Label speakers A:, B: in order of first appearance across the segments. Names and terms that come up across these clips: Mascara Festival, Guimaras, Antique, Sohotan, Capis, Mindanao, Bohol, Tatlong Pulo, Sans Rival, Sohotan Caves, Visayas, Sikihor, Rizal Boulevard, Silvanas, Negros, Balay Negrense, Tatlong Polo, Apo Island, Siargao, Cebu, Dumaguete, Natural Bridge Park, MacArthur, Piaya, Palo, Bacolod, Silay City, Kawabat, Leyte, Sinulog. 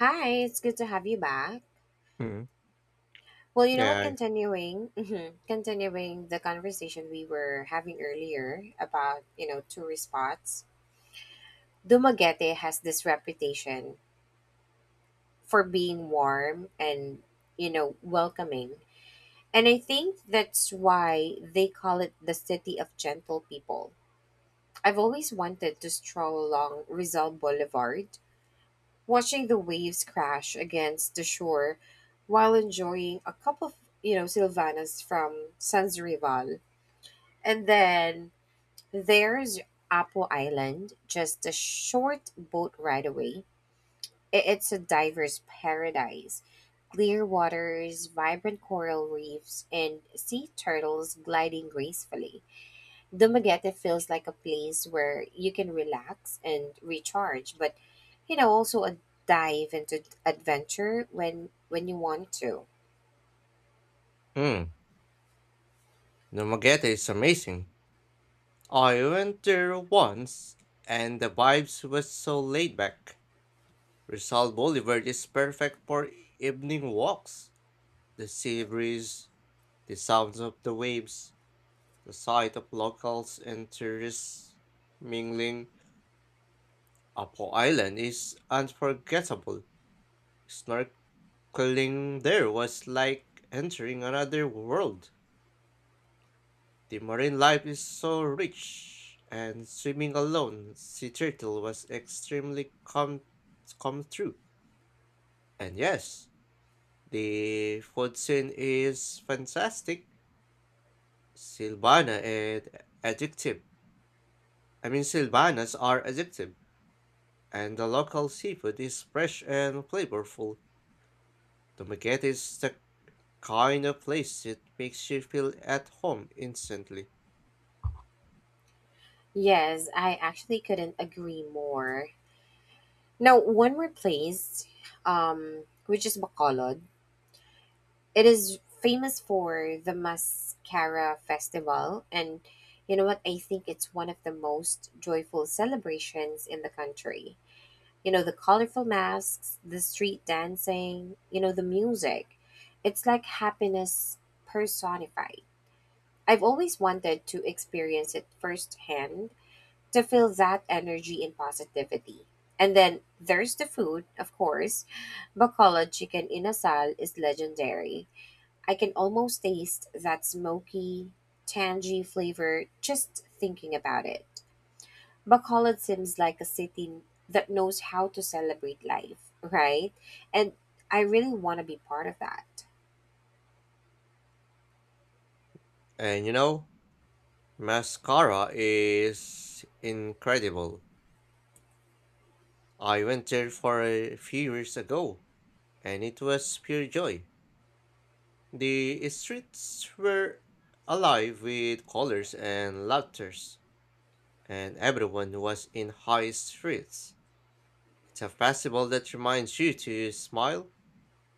A: Hi, it's good to have you back.
B: Mm,
A: Well, you know what?
B: yeah.
A: Continuing, continuing the conversation we were having earlier about you know tourist spots. Dumaguete has this reputation for being warm and you know welcoming, and I think that's why they call it the city of gentle people. I've always wanted to stroll along Rizal Boulevard watching the waves crash against the shore while enjoying a cup of, you know, Silvanas from Sans Rival. And then there's Apo Island, just a short boat ride away. It's a diver's paradise. Clear waters, vibrant coral reefs, and sea turtles gliding gracefully. Dumaguete feels like a place where you can relax and recharge, but you know, also a dive into adventure when you want to.
B: Mm, Nomaguete is amazing. I went there once, and the vibes was so laid back. Rizal Boulevard is perfect for evening walks. The sea breeze, the sounds of the waves, the sight of locals and tourists mingling. Apo Island is unforgettable. Snorkeling there was like entering another world. The marine life is so rich, and swimming alone, sea turtle was extremely come through. And yes, the food scene is fantastic. Silvana and addictive. I mean, Silvanas are addictive, and the local seafood is fresh and flavorful. Dumaguete is the kind of place that makes you feel at home instantly.
A: Yes, I actually couldn't agree more. Now, one more place, which is Bacolod. It is famous for the Mascara Festival, and you know what? I think it's one of the most joyful celebrations in the country. You know the colorful masks, the street dancing, you know, the music, it's like happiness personified. I've always wanted to experience it firsthand, to feel that energy and positivity. And then there's the food, of course. Bacolod chicken in asal is legendary. I can almost taste that smoky, tangy flavor just thinking about it. Bacolod seems like a city that knows how to celebrate life, right? And I really want to be part of that.
B: And you know, mascara is incredible. I went there for a few years ago, and it was pure joy. The streets were alive with colors and laughters, and everyone was in high spirits. It's a festival that reminds you to smile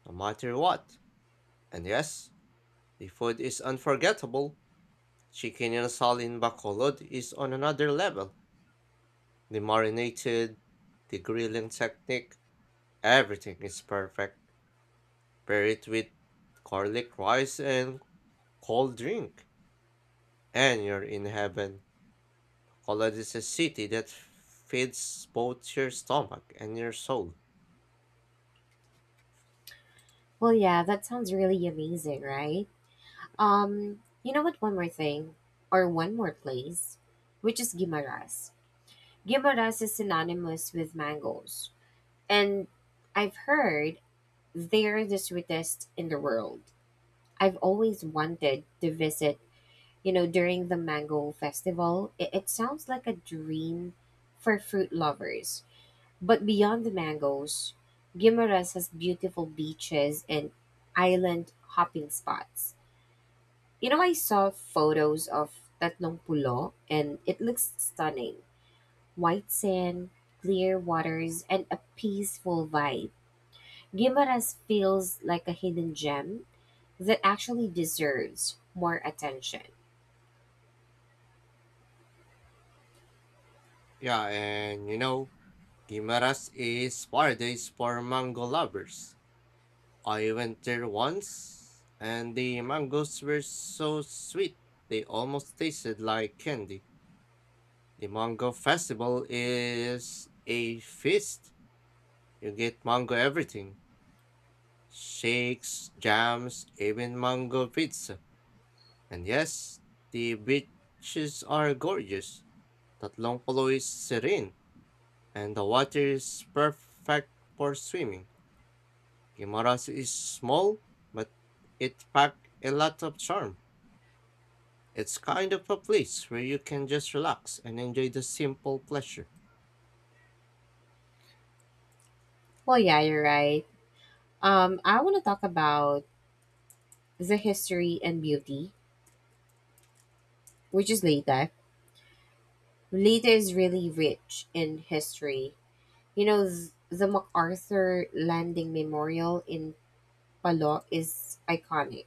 B: no matter what. And yes, the food is unforgettable. Chicken and sal in Bacolod is on another level. The marinated, the grilling technique, everything is perfect. Pair it with garlic rice and cold drink, and you're in heaven. Bacolod is a city that feeds both your stomach and your soul.
A: Well, yeah, that sounds really amazing, right? You know what? One more thing, or one more place, which is Guimaras. Guimaras is synonymous with mangoes, and I've heard they're the sweetest in the world. I've always wanted to visit, you know, during the mango festival. It sounds like a dream for fruit lovers. But beyond the mangoes, Guimaras has beautiful beaches and island hopping spots. You know, I saw photos of Tatlong Pulo and it looks stunning. White sand, clear waters, and a peaceful vibe. Guimaras feels like a hidden gem that actually deserves more attention.
B: Yeah, and you know, Guimaras is paradise for mango lovers. I went there once, and the mangoes were so sweet they almost tasted like candy. The mango festival is a feast. You get mango everything shakes, jams, even mango pizza. And yes, the beaches are gorgeous. Tatlong Polo is serene, and the water is perfect for swimming. Guimaras is small, but it packs a lot of charm. It's kind of a place where you can just relax and enjoy the simple pleasure.
A: Well, yeah, you're right. I want to talk about the history and beauty, which is Leyte. Leyte is really rich in history. You know, the MacArthur Landing Memorial in Palo is iconic.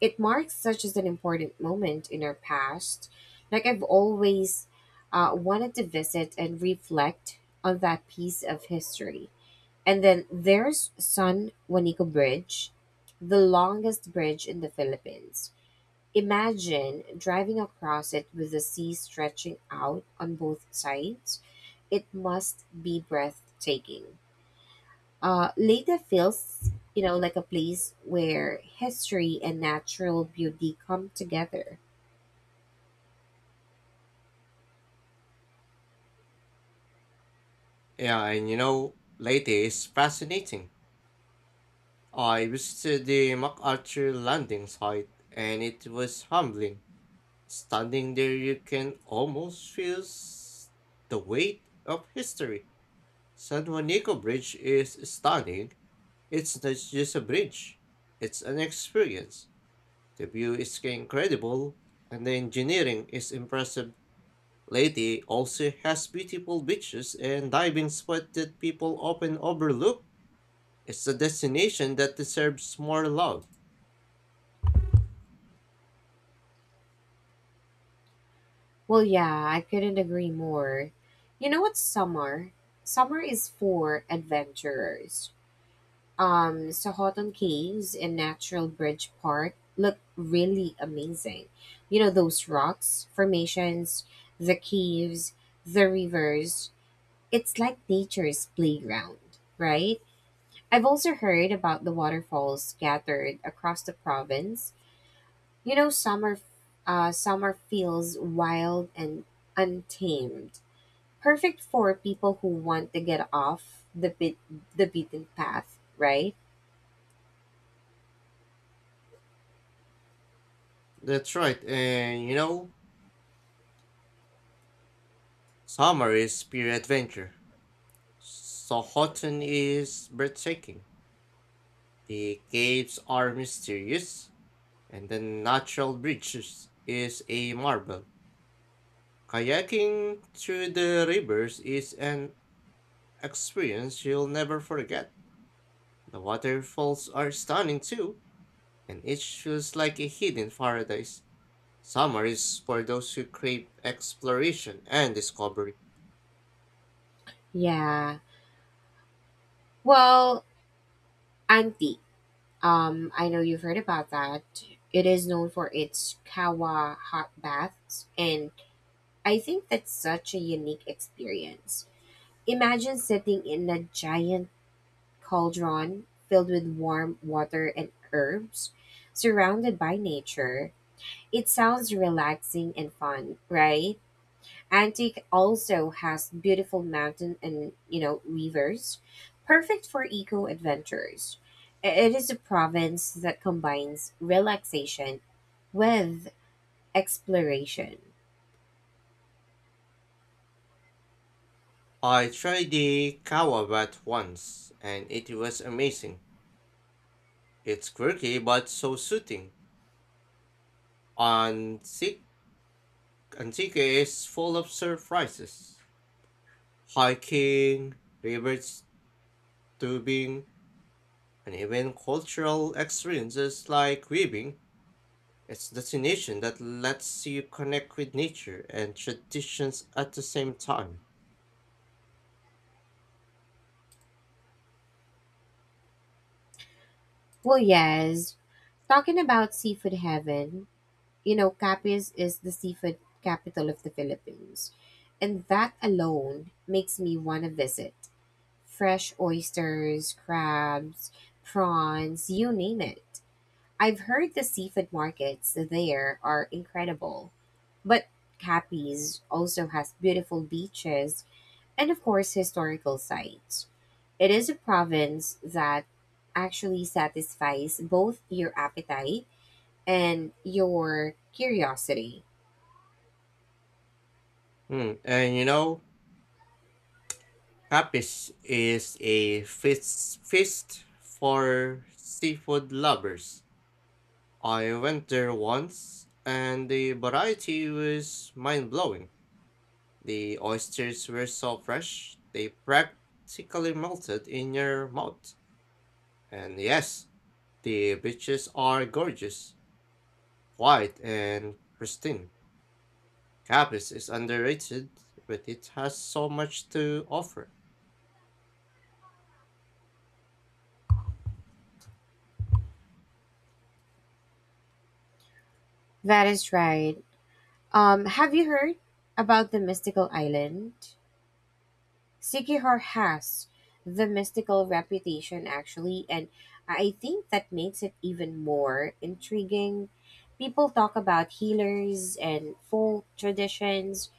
A: It marks such as an important moment in our past. Like I've always wanted to visit and reflect on that piece of history. And then there's San Juanico Bridge, the longest bridge in the Philippines. Imagine driving across it with the sea stretching out on both sides. It must be breathtaking. Leda feels, you know, like a place where history and natural beauty come together.
B: Yeah, and you know, Leyte is fascinating. I visited the MacArthur landing site, and it was humbling. Standing there, you can almost feel the weight of history. San Juanico Bridge is stunning. It's not just a bridge, it's an experience. The view is incredible, and the engineering is impressive. Leyte also has beautiful beaches and diving spots that people often overlook. It's a destination that deserves more love.
A: Well, yeah, I couldn't agree more. You know what, summer? Summer is for adventurers. Sohotan Caves and Natural Bridge Park look really amazing. You know those rocks, formations, the caves, the rivers. It's like nature's playground, right? I've also heard about the waterfalls scattered across the province. You know summer, summer feels wild and untamed. Perfect for people who want to get off the beaten path, right?
B: That's right, and you know, summer is pure adventure. Sohotan is breathtaking. The caves are mysterious, and the natural bridges is a marvel. Kayaking through the rivers is an experience you'll never forget. The waterfalls are stunning too, and it feels like a hidden paradise. Summer is for those who crave exploration and discovery.
A: Yeah. Well, Antique. I know you've heard about that. It is known for its kawa hot baths, and I think that's such a unique experience. Imagine sitting in a giant cauldron filled with warm water and herbs, surrounded by nature. It sounds relaxing and fun, right? Antique also has beautiful mountain and you know rivers, perfect for eco adventures. It is a province that combines relaxation with exploration.
B: I tried the Kawabat once, and it was amazing. It's quirky but so soothing. And Antique is full of surprises. Hiking, river tubing, and even cultural experiences like weaving. It's destination that lets you connect with nature and traditions at the same time.
A: Well, yes, talking about seafood heaven, you know, Capiz is the seafood capital of the Philippines, and that alone makes me want to visit. Fresh oysters, crabs, prawns, you name it. I've heard the seafood markets there are incredible, but Capiz also has beautiful beaches and, of course, historical sites. It is a province that actually satisfies both your appetite and your curiosity.
B: Hmm. And you know, Capis is a feast for seafood lovers. I went there once, and the variety was mind blowing. The oysters were so fresh, they practically melted in your mouth. And yes, the beaches are gorgeous, white, and pristine. Capes is underrated, but it has so much to offer.
A: That is right. Have you heard about the mystical island? Sekihara has the mystical reputation, actually, and I think that makes it even more intriguing. People talk about healers and folk traditions,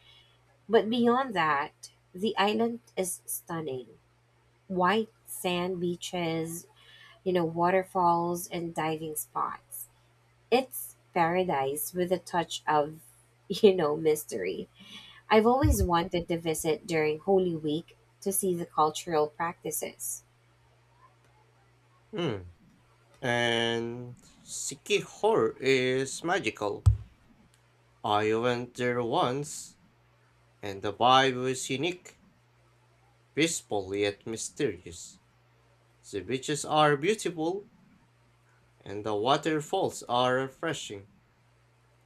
A: but beyond that, the island is stunning. White sand beaches, you know, waterfalls, and diving spots. It's paradise with a touch of, you know, mystery. I've always wanted to visit during Holy Week to see the cultural practices.
B: Mm. And Sikihor is magical. I went there once, and the vibe was unique. Peaceful yet mysterious. The beaches are beautiful and the waterfalls are refreshing.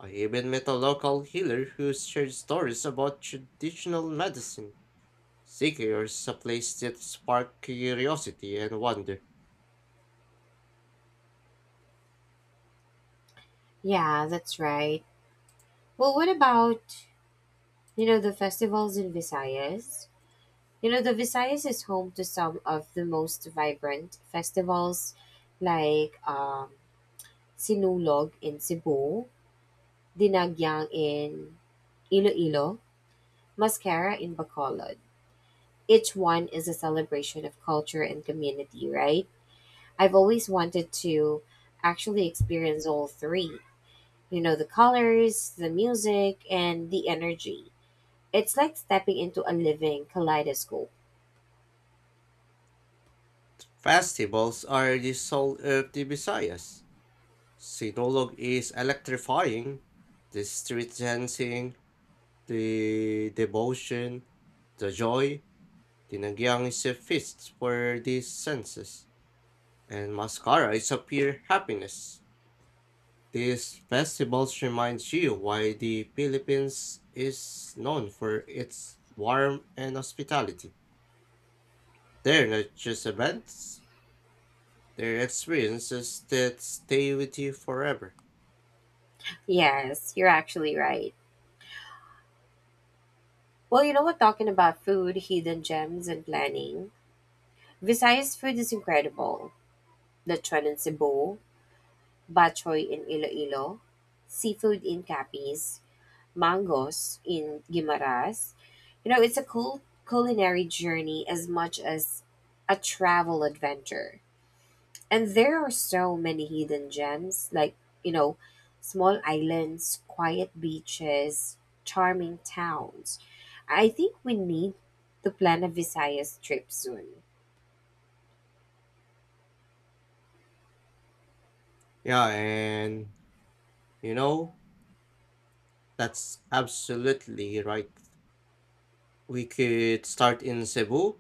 B: I even met a local healer who shared stories about traditional medicine. Sikir is a place that sparked curiosity and wonder.
A: Yeah, that's right. Well, what about, you know, the festivals in Visayas? You know, the Visayas is home to some of the most vibrant festivals like Sinulog in Cebu, Dinagyang in Iloilo, Mascara in Bacolod. Each one is a celebration of culture and community, right? I've always wanted to actually experience all three. You know, the colors, the music, and the energy. It's like stepping into a living kaleidoscope.
B: Festivals are the soul of the Visayas. Sinulog is electrifying. The street dancing, the devotion, the joy, Dinagyang is a feast for the senses. And mascara is a pure happiness. These festivals reminds you why the Philippines is known for its warmth and hospitality. They're not just events, they're experiences that stay with you forever.
A: Yes, you're actually right. Well, you know what? Talking about food, hidden gems, and planning, Visayas food is incredible. Lechon in Cebu, Bachoy in Iloilo, seafood in Capiz, Mangos in Guimaras. You know, it's a cool culinary journey as much as a travel adventure. And there are so many hidden gems, like, you know, small islands, quiet beaches, charming towns. I think we need to plan a Visayas trip soon.
B: Yeah, and you know, that's absolutely right. We could start in Cebu,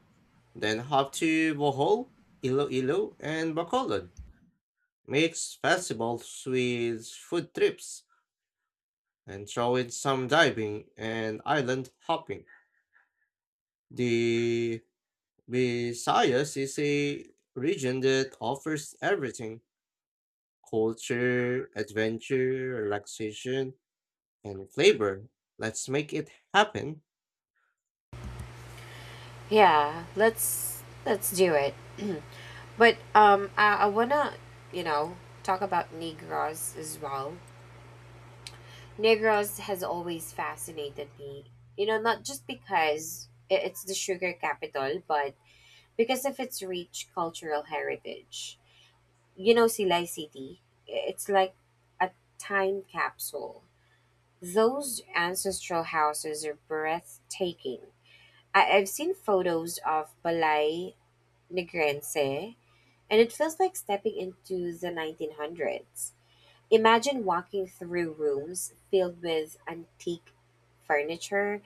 B: then hop to Bohol, Iloilo, and Bacolod. Mix festivals with food trips and throw in some diving and island hopping. The Visayas is a region that offers everything culture, adventure, relaxation, and flavor. Let's make it happen.
A: Yeah, let's do it. But I wanna, you know, talk about Negros as well. Negros has always fascinated me. You know, not just because it's the sugar capital, but because of its rich cultural heritage. You know, Silay City, it's like a time capsule. Those ancestral houses are breathtaking. I've seen photos of Balay Negrense, and it feels like stepping into the 1900s. Imagine walking through rooms filled with antique furniture,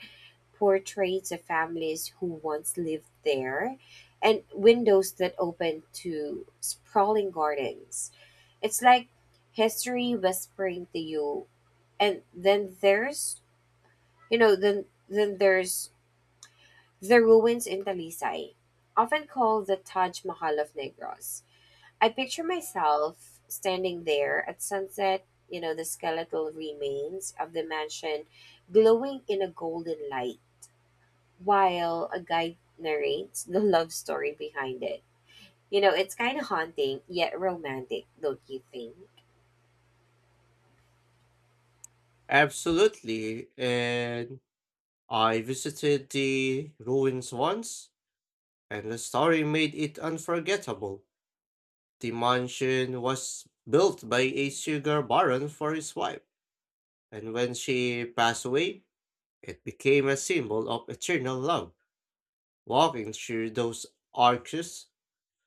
A: portraits of families who once lived there, and windows that open to sprawling gardens. It's like history whispering to you. And then there's, you know, then there's the ruins in Talisay, often called the Taj Mahal of Negros. I picture myself standing there at sunset, you know, the skeletal remains of the mansion glowing in a golden light while a guide narrates the love story behind it. You know, it's kind of haunting yet romantic, don't you think?
B: Absolutely. And I visited the ruins once, and the story made it unforgettable. The mansion was built by a sugar baron for his wife, and when she passed away, it became a symbol of eternal love. Walking through those arches,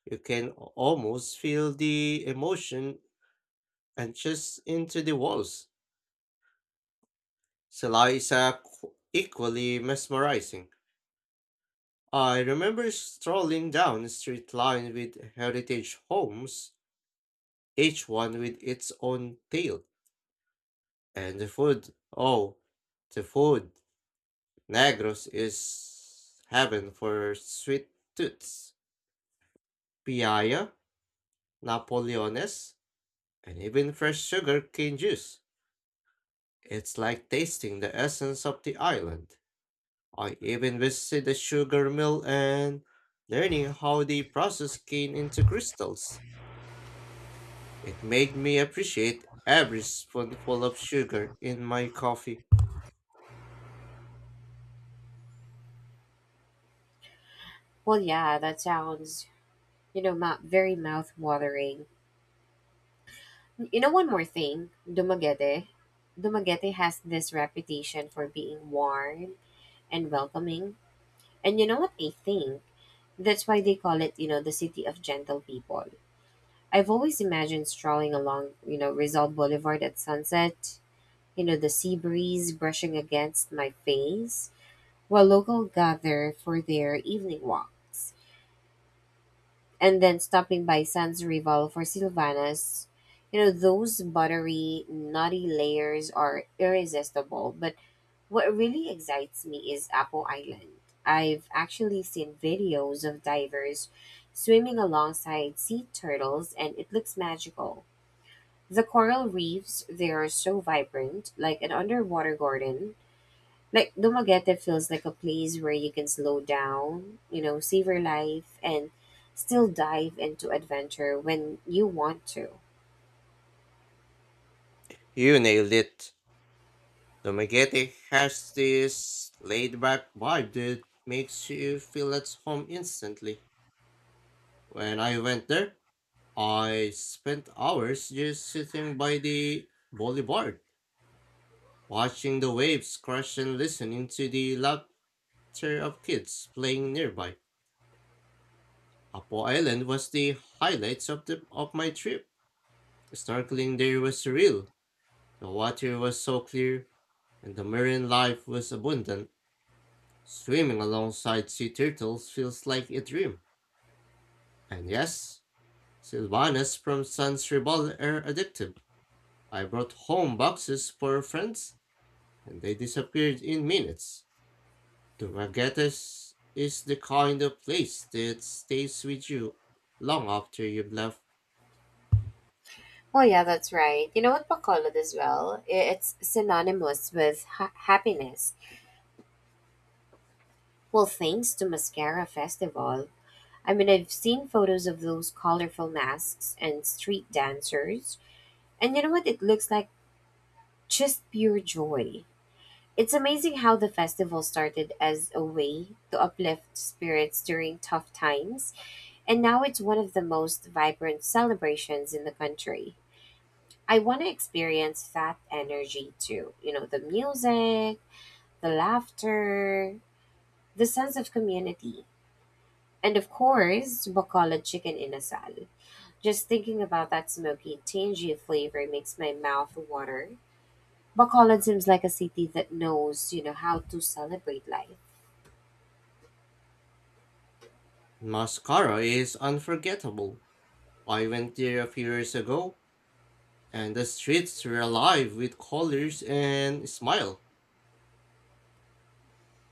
B: you can almost feel the emotion and just into the walls. Sela is equally mesmerizing. I remember strolling down a street lined with heritage homes, each one with its own tale. And the food, oh, the food. Negros is heaven for sweet tooths. Piaya napoleones, and even fresh sugar cane juice. It's like tasting the essence of the island. I even visited the sugar mill and learning how they process cane into crystals. It made me appreciate every spoonful of sugar in my coffee.
A: Well, yeah, that sounds, you know, very mouth watering. You know, one more thing, Dumaguete. Dumaguete has this reputation for being warm and welcoming. And you know what I think? That's why they call it, you know, the city of gentle people. I've always imagined strolling along, you know, Rizal Boulevard at sunset, you know, the sea breeze brushing against my face, while local gather for their evening walks, and then stopping by Sans Rival for Silvanas. You know, those buttery, nutty layers are irresistible, but what really excites me is Apple Island. I've actually seen videos of divers swimming alongside sea turtles and it looks magical. The coral reefs there are so vibrant, like an underwater garden. Like Dumaguete feels like a place where you can slow down, you know, savor life and still dive into adventure when you want to.
B: You nailed it. Domagete has this laid back vibe that makes you feel at home instantly. When I went there, I spent hours just sitting by the boulevard, watching the waves crash and listening to the laughter of kids playing nearby. Apo Island was the highlights of my trip. Snorkeling there was surreal. The water was so clear and the marine life was abundant. Swimming alongside sea turtles feels like a dream. And yes, Sylvanas from Sans Ribal are addictive. I brought home boxes for friends and they disappeared in minutes. Dumaguete is the kind of place that stays with you long after you've left.
A: Oh yeah, that's right. You know what Bacolod as well? It's synonymous with happiness. Well, thanks to Mascara Festival. I mean, I've seen photos of those colorful masks and street dancers, and you know what? It looks like just pure joy. It's amazing how the festival started as a way to uplift spirits during tough times, and now it's one of the most vibrant celebrations in the country. I want to experience that energy too. You know, the music, the laughter, the sense of community. And of course, Bacolod chicken inasal. Just thinking about that smoky, tangy flavor makes my mouth water. Bacolod seems like a city that knows, you know, how to celebrate life.
B: Mascara is unforgettable. I went there a few years ago, and the streets were alive with colors and smile.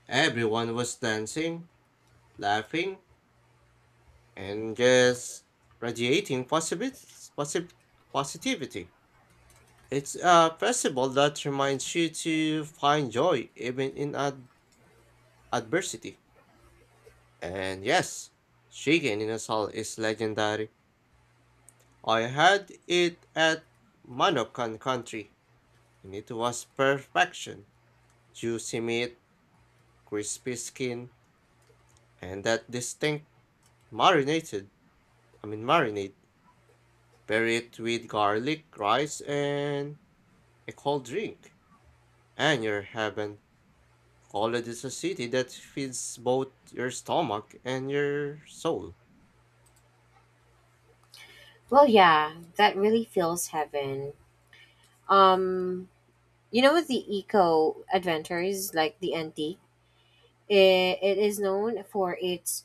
B: Everyone was dancing, laughing, and just radiating positivity. It's a festival that reminds you to find joy even in a adversity. And yes, chicken in a salt is legendary. I had it at Manokan country, and it was perfection. Juicy meat, crispy skin, and that distinct marinated, I mean marinade. Bury it with garlic, rice, and a cold drink. And your heaven. College is a city that feeds both your stomach and your soul.
A: Well, yeah, that really feels heaven. Um, you know, the eco adventures like the antique, it is known for its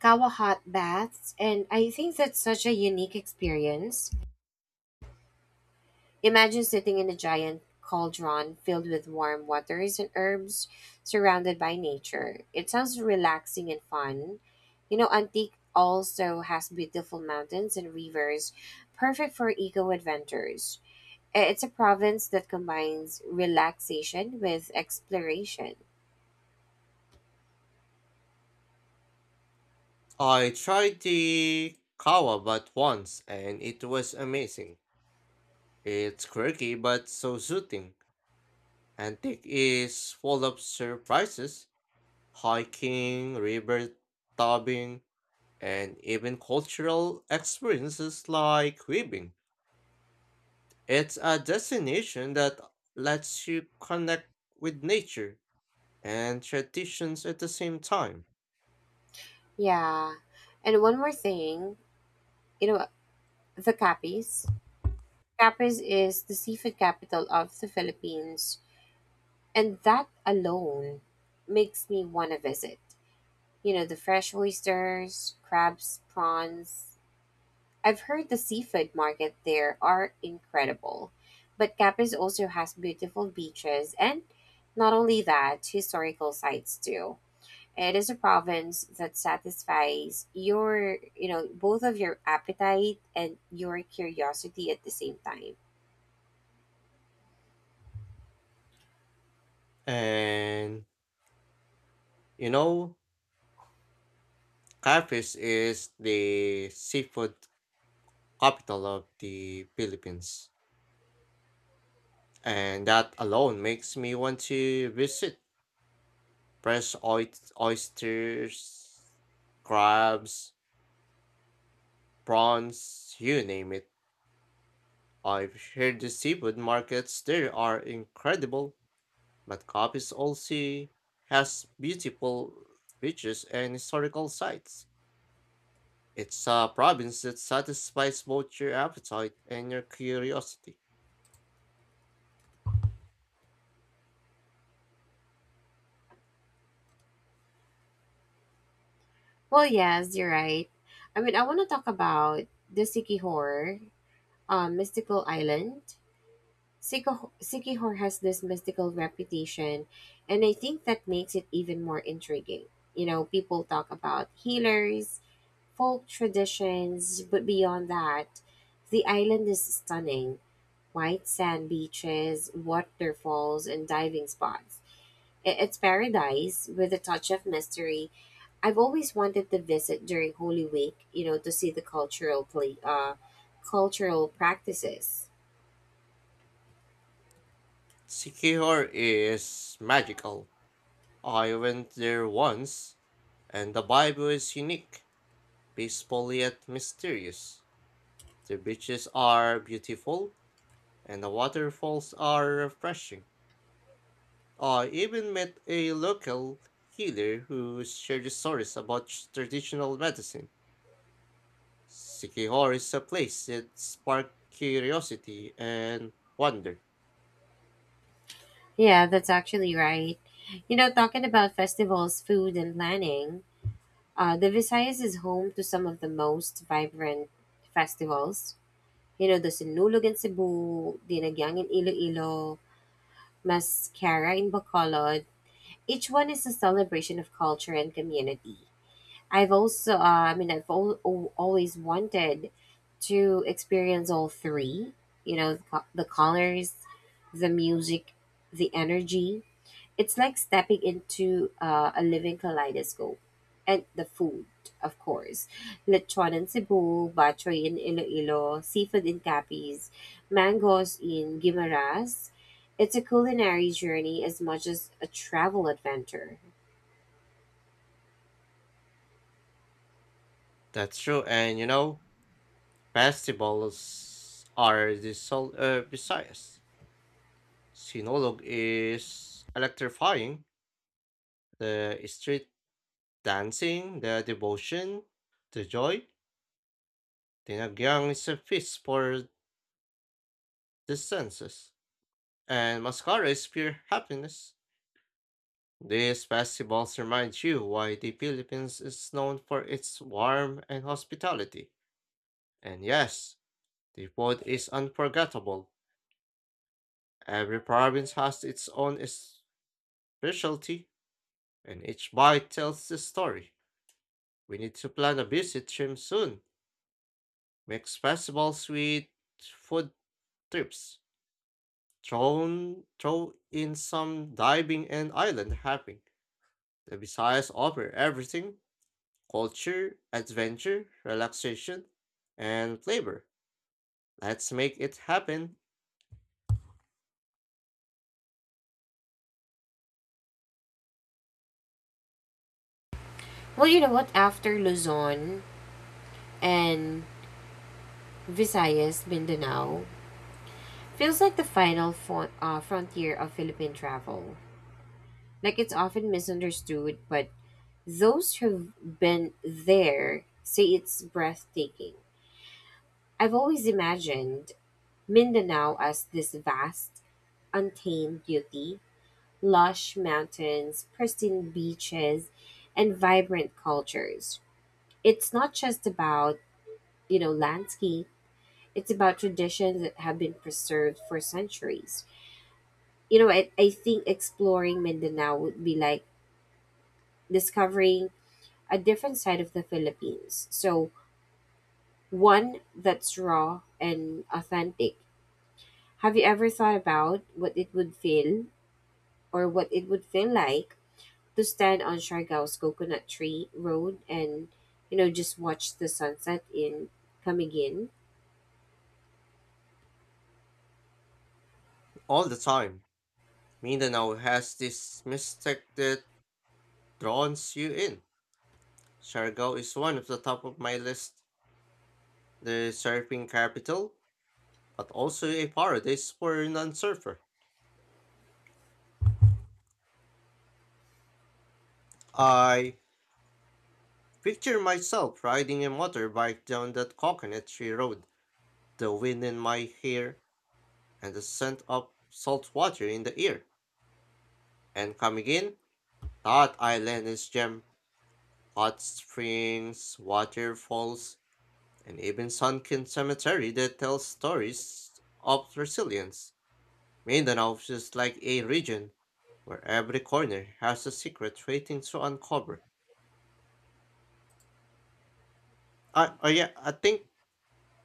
A: kawa hot baths, and I think that's such a unique experience. Imagine sitting in a giant cauldron filled with warm waters and herbs, surrounded by nature. It sounds relaxing and fun. You know, Antique also has beautiful mountains and rivers, perfect for eco adventures. It's a province that combines relaxation with exploration.
B: I tried the kava but once and it was amazing. It's quirky but so soothing. Antique is full of surprises, hiking, river diving, and even cultural experiences like weaving. It's a destination that lets you connect with nature and traditions at the same time.
A: Yeah. And one more thing, you know, the Capis. Capis is the seafood capital of the Philippines. And that alone makes me want to visit. You know, the fresh oysters, crabs, prawns. I've heard the seafood market there are incredible. But Capiz also has beautiful beaches and, not only that, historical sites too. It is a province that satisfies your, you know, both of your appetite and your curiosity at the same time.
B: And you know, Cafes is the seafood capital of the Philippines. And that alone makes me want to visit fresh oysters, crabs, prawns, you name it. I've heard the seafood markets there are incredible, but Capiz also has beautiful beaches and historical sites. It's a province that satisfies both your appetite and your curiosity.
A: Well, yes, you're right. I mean, I want to talk about the Sikihor, mystical island. Sikihor has this mystical reputation, and I think that makes it even more intriguing. You know, people talk about healers, folk traditions, but beyond that, the island is stunning: white sand beaches, waterfalls, and diving spots. It's paradise with a touch of mystery. I've always wanted to visit during Holy Week, you know, to see the cultural practices.
B: Sikihor is magical. I went there once, and the vibe was unique, peaceful yet mysterious. The beaches are beautiful, and the waterfalls are refreshing. I even met a local healer who shared stories about traditional medicine. Sikihor is a place that sparked curiosity and wonder.
A: Yeah, that's actually right. You know, talking about festivals, food, and planning, the Visayas is home to some of the most vibrant festivals. You know, the Sinulog in Cebu, Dinagyang in Iloilo, Mascara in Bacolod. Each one is a celebration of culture and community. I've also, I mean, I've always wanted to experience all three. You know, the colors, the music, the energy, it's like stepping into a living kaleidoscope. And the food, of course. Lechon in Cebu, Bachoy in Iloilo, seafood in Capiz, mangoes in Guimaras. It's a culinary journey as much as a travel adventure.
B: That's true, and you know, festivals are the soul of desires. Sinolog is electrifying. The street dancing, the devotion, the joy. Dinagyang is a feast for the senses, and Mascara is pure happiness. These festivals remind you why the Philippines is known for its warmth and hospitality. And yes, the food is unforgettable. Every province has its own specialty, and each bite tells the story. We need to plan a visit to him soon. Mix festivals sweet food trips. Throw in some diving and island hopping. The Visayas offer everything culture, adventure, relaxation, and flavor. Let's make it happen
A: Well, you know what? After Luzon and Visayas, Mindanao feels like the final frontier of Philippine travel. Like it's often misunderstood, but those who've been there say it's breathtaking. I've always imagined Mindanao as this vast, untamed beauty, lush mountains, pristine beaches, and vibrant cultures. It's not just about, you know, landscape, it's about traditions that have been preserved for centuries. You know, I think exploring Mindanao would be like discovering a different side of the Philippines. So, one that's raw and authentic. Have you ever thought about what it would feel, or what it would feel like to stand on Siargao's Coconut Tree Road and, you know, just watch the sunset in coming in?
B: all the time. Mindanao has this mystic that draws you in. Siargao is one of the top of my list. The surfing capital, but also a paradise for non-surfer. I picture myself riding a motorbike down that coconut tree road, the wind in my hair, and the scent of salt water in the air. And coming in, that island is gem, hot springs, waterfalls, and even sunken cemetery that tells stories of resilience. Mindanao is just like a region where every corner has a secret waiting to uncover. I think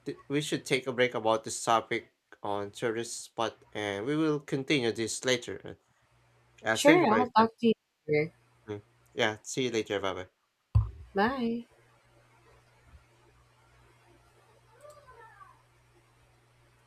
B: we should take a break about this topic on tourist spot and we will continue this later. Thank
A: Sure,
B: you for your
A: I'll
B: time.
A: talk to you later.
B: Mm. Yeah, see you later. Bye bye.
A: Bye.